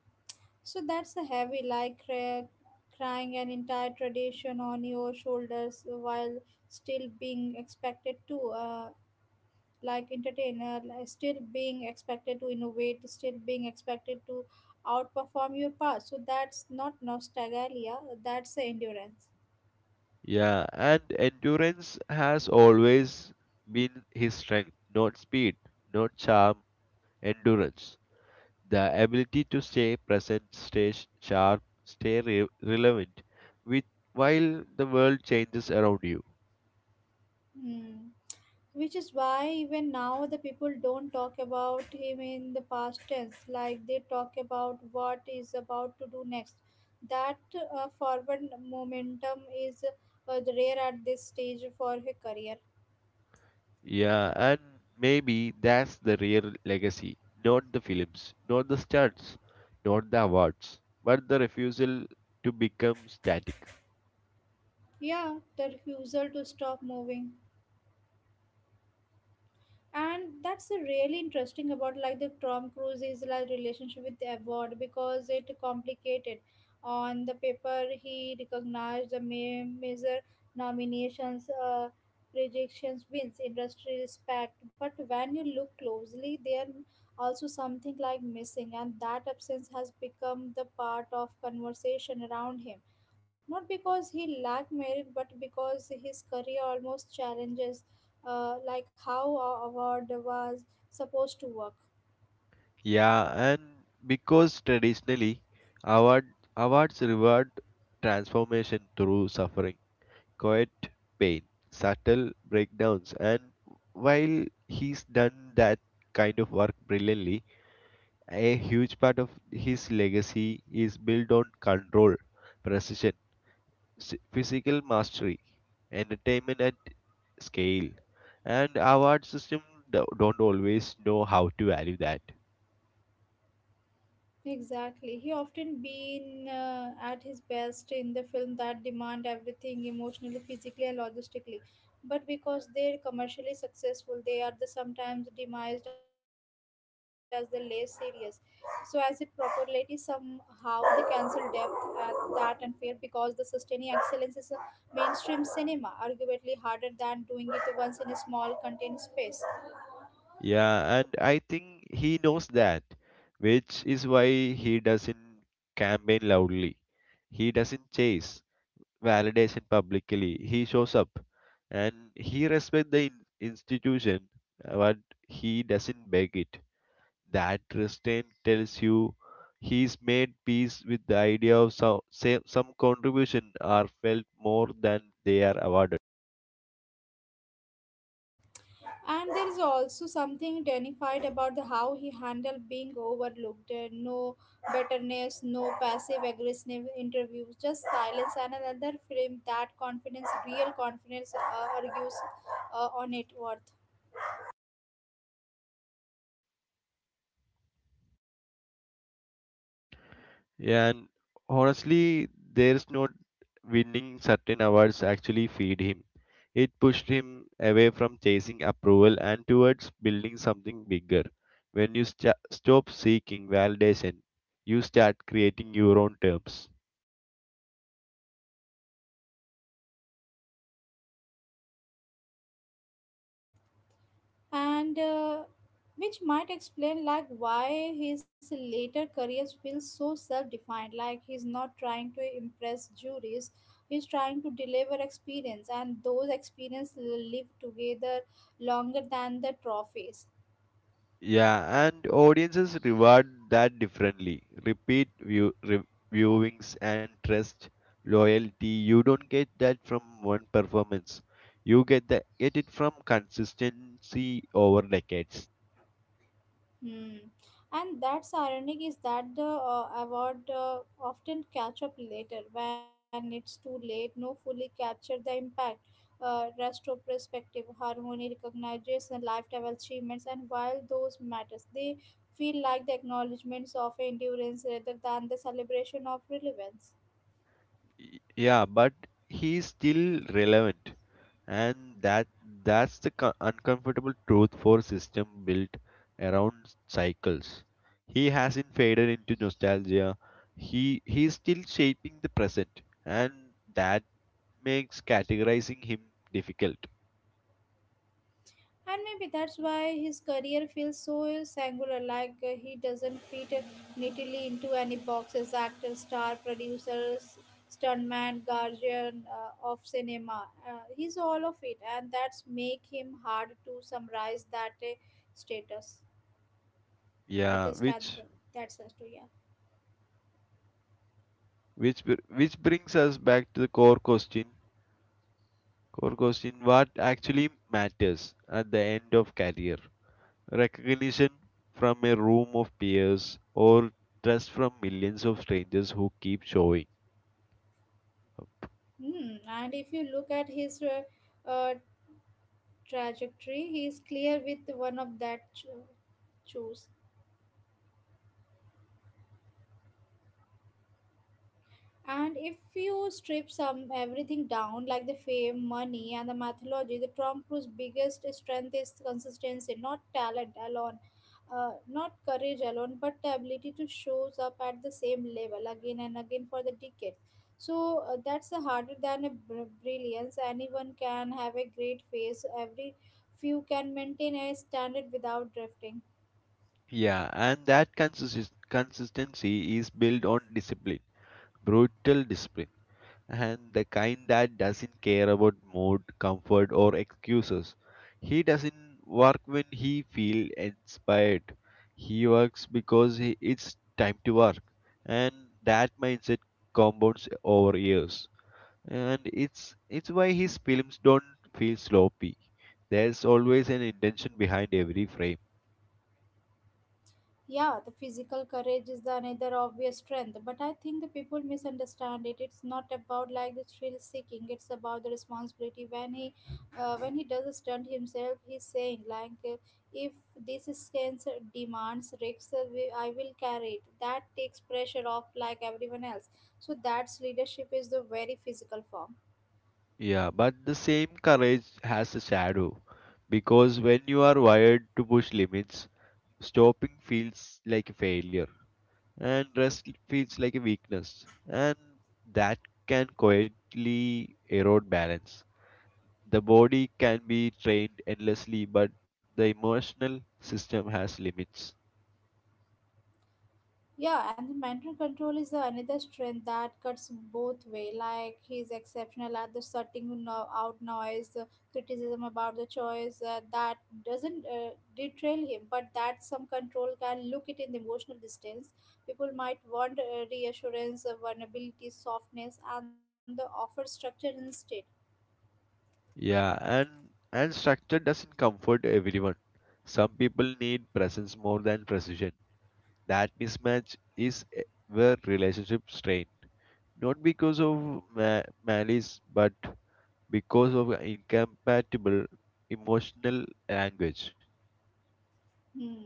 Speaker 1: So that's a heavy, like crying an entire tradition on your shoulders while still being expected to. Like entertainer like still being expected to innovate, still being expected to outperform your past, so that's not nostalgia, that's the endurance.
Speaker 2: Yeah, and endurance has always been his strength, not speed, not charm, endurance. The ability to stay present, stay sharp, stay relevant with while the world changes around you.
Speaker 1: Hmm. Which is why even now the people don't talk about him in the past tense. Like they talk about what is about to do next. That forward momentum is rare at this stage for her career.
Speaker 2: Yeah, and maybe that's the real legacy. Not the films, not the stunts, not the awards, but the refusal to become static.
Speaker 1: Yeah, the refusal to stop moving. And that's a really interesting about like the Tom Cruise's like relationship with the award, because it complicated. On the paper, he recognized the major nominations, rejections, wins, industry respect. But when you look closely, there also something like missing, and that absence has become the part of conversation around him. Not because he lacked merit, but because his career almost challenges like how a award was supposed to work.
Speaker 2: Yeah, and because traditionally award awards reward transformation through suffering, quiet pain, subtle breakdowns, and while he's done that kind of work brilliantly, a huge part of his legacy is built on control, precision, physical mastery, entertainment at scale, and award system don't always know how to value that.
Speaker 1: Exactly. He often been at his best in the film that demand everything emotionally, physically, and logistically. But because they're commercially successful, they are the sometimes demised as the less serious. So as it popularity somehow they cancel depth at that unfair, because the sustaining excellence is a mainstream cinema, arguably harder than doing it once in a small contained space.
Speaker 2: Yeah, and I think he knows that, which is why he doesn't campaign loudly. He doesn't chase validation publicly. He shows up, and he respects the institution, but he doesn't beg it. That restraint tells you he's made peace with the idea of some, say, some contribution are felt more than they are awarded.
Speaker 1: And there is also something dignified about the how he handled being overlooked. No bitterness, no passive aggressive interviews, just silence. And another film that confidence, real confidence, argues on it worth.
Speaker 2: And honestly, there's not winning certain awards actually feed him. It pushed him away from chasing approval and towards building something bigger. When you sta stop seeking validation, you start creating your own terms.
Speaker 1: And which might explain like why his later careers feels so self-defined, like he's not trying to impress juries, he's trying to deliver experience, and those experiences live together longer than the trophies.
Speaker 2: Yeah, and audiences reward that differently. Repeat viewings and trust, loyalty. You don't get that from one performance. You get it from consistency over decades.
Speaker 1: Hmm. And that's ironic is that the award often catch up later when it's too late. No fully capture the impact, retrospective harmony recognition, lifetime achievements, and while those matters, they feel like the acknowledgments of endurance rather than the celebration of relevance.
Speaker 2: Yeah, but he's still relevant, and that's the uncomfortable truth for system built around cycles. He hasn't faded into nostalgia. He's still shaping the present, and that makes categorizing him difficult.
Speaker 1: And maybe that's why his career feels so singular, like he doesn't fit neatly into any boxes: actor, star, producer, stuntman, guardian of cinema. He's all of it, and that's make him hard to summarize that status with
Speaker 2: Yeah,
Speaker 1: a stat. That's says to, yeah.
Speaker 2: which which brings us back to the core question. Core question: What actually matters at the end of career? Recognition from a room of peers or trust from millions of strangers who keep showing up.
Speaker 1: Hmm. And if you look at his uh, trajectory, he's clear with one of that choose. And if you strip some everything down, like the fame, money, and the mythology, the Tom Cruise' biggest strength is consistency, not talent alone, not courage alone, but the ability to shows up at the same level again and again for the decades. So that's the harder than a brilliance. Anyone can have a great face. Every few can maintain a standard without drifting.
Speaker 2: Yeah, and that consistency is built on discipline, brutal discipline, and the kind that doesn't care about mood, comfort, or excuses. He doesn't work when he feels inspired. He works because it's time to work, and that mindset compounds over years. And it's why his films don't feel sloppy. There's always an intention behind every frame.
Speaker 1: Yeah, the physical courage is the another obvious strength, but I think the people misunderstand it. It's not about like the thrill seeking; it's about the responsibility. When he, when he does a stunt himself, he's saying like, if this stance demands risks, I will carry it. That takes pressure off like everyone else. So that's leadership is the very physical form.
Speaker 2: Yeah, but the same courage has a shadow because when you are wired to push limits, stopping feels like a failure and rest feels like a weakness, and that can quietly erode balance. The body can be trained endlessly, but the emotional system has limits.
Speaker 1: Yeah, and the mental control is the another strength that cuts both way. Like he's exceptional at the sorting out noise, the criticism about the choice that doesn't derail him, but that some control can look it in the emotional distance. People might want reassurance, vulnerability, softness, and the offer structure instead.
Speaker 2: Yeah, and structure doesn't comfort everyone. Some people need presence more than precision. That mismatch is where relationships strain, not because of malice, but because of incompatible emotional language.
Speaker 1: Hmm.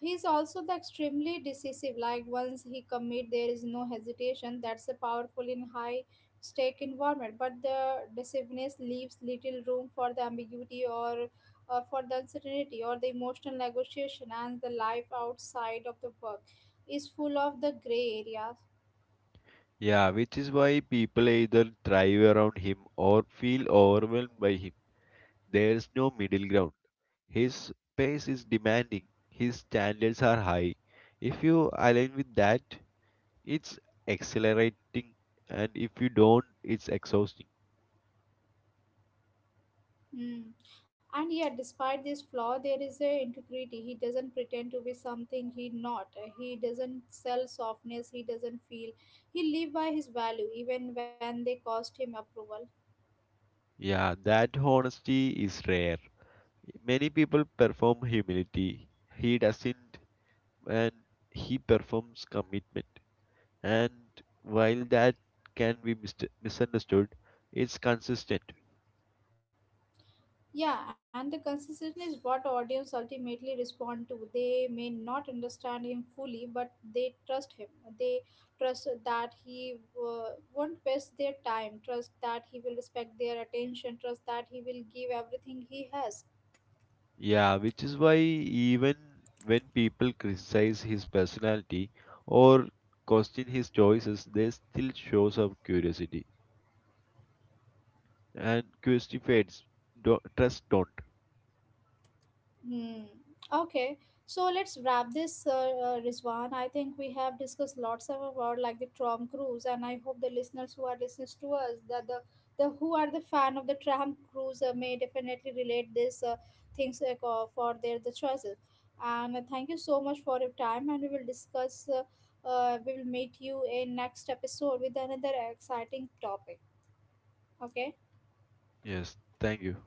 Speaker 1: He's also the extremely decisive. Like once he commit, there is no hesitation. That's a powerful in high stake environment. But the decisiveness leaves little room for the ambiguity or for the uncertainty or the emotional negotiation. And the life outside of the work is full of the gray areas.
Speaker 2: Yeah, which is why people either thrive around him or feel overwhelmed by him. There's no middle ground. His pace is demanding. His standards are high. If you align with that, it's accelerating, and if you don't, it's exhausting.
Speaker 1: Mm. And yet, despite this flaw, there is a integrity. He doesn't pretend to be something he not. He doesn't sell softness. He doesn't feel. He live by his value, even when they cost him approval.
Speaker 2: Yeah, that honesty is rare. Many people perform humility. He doesn't, and he performs commitment. And while that can be misunderstood, it's consistent.
Speaker 1: Yeah, and the consistency is what audience ultimately respond to. They may not understand him fully, but they trust him. They trust that he uh, won't waste their time. Trust that he will respect their attention. Trust that he will give everything he has.
Speaker 2: Yeah, which is why even when people criticize his personality or question his choices, they still shows up curiosity. And curiosity fades. Trust don't.
Speaker 1: Hmm. Okay. So let's wrap this, Rizwan. I think we have discussed lots of about like the Tom Cruise, and I hope the listeners who are listening to us that the who are the fan of the Tom Cruise may definitely relate this things like, for their the choices. And thank you so much for your time. And we will discuss. We will meet you in next episode with another exciting topic. Okay.
Speaker 2: Yes, thank you.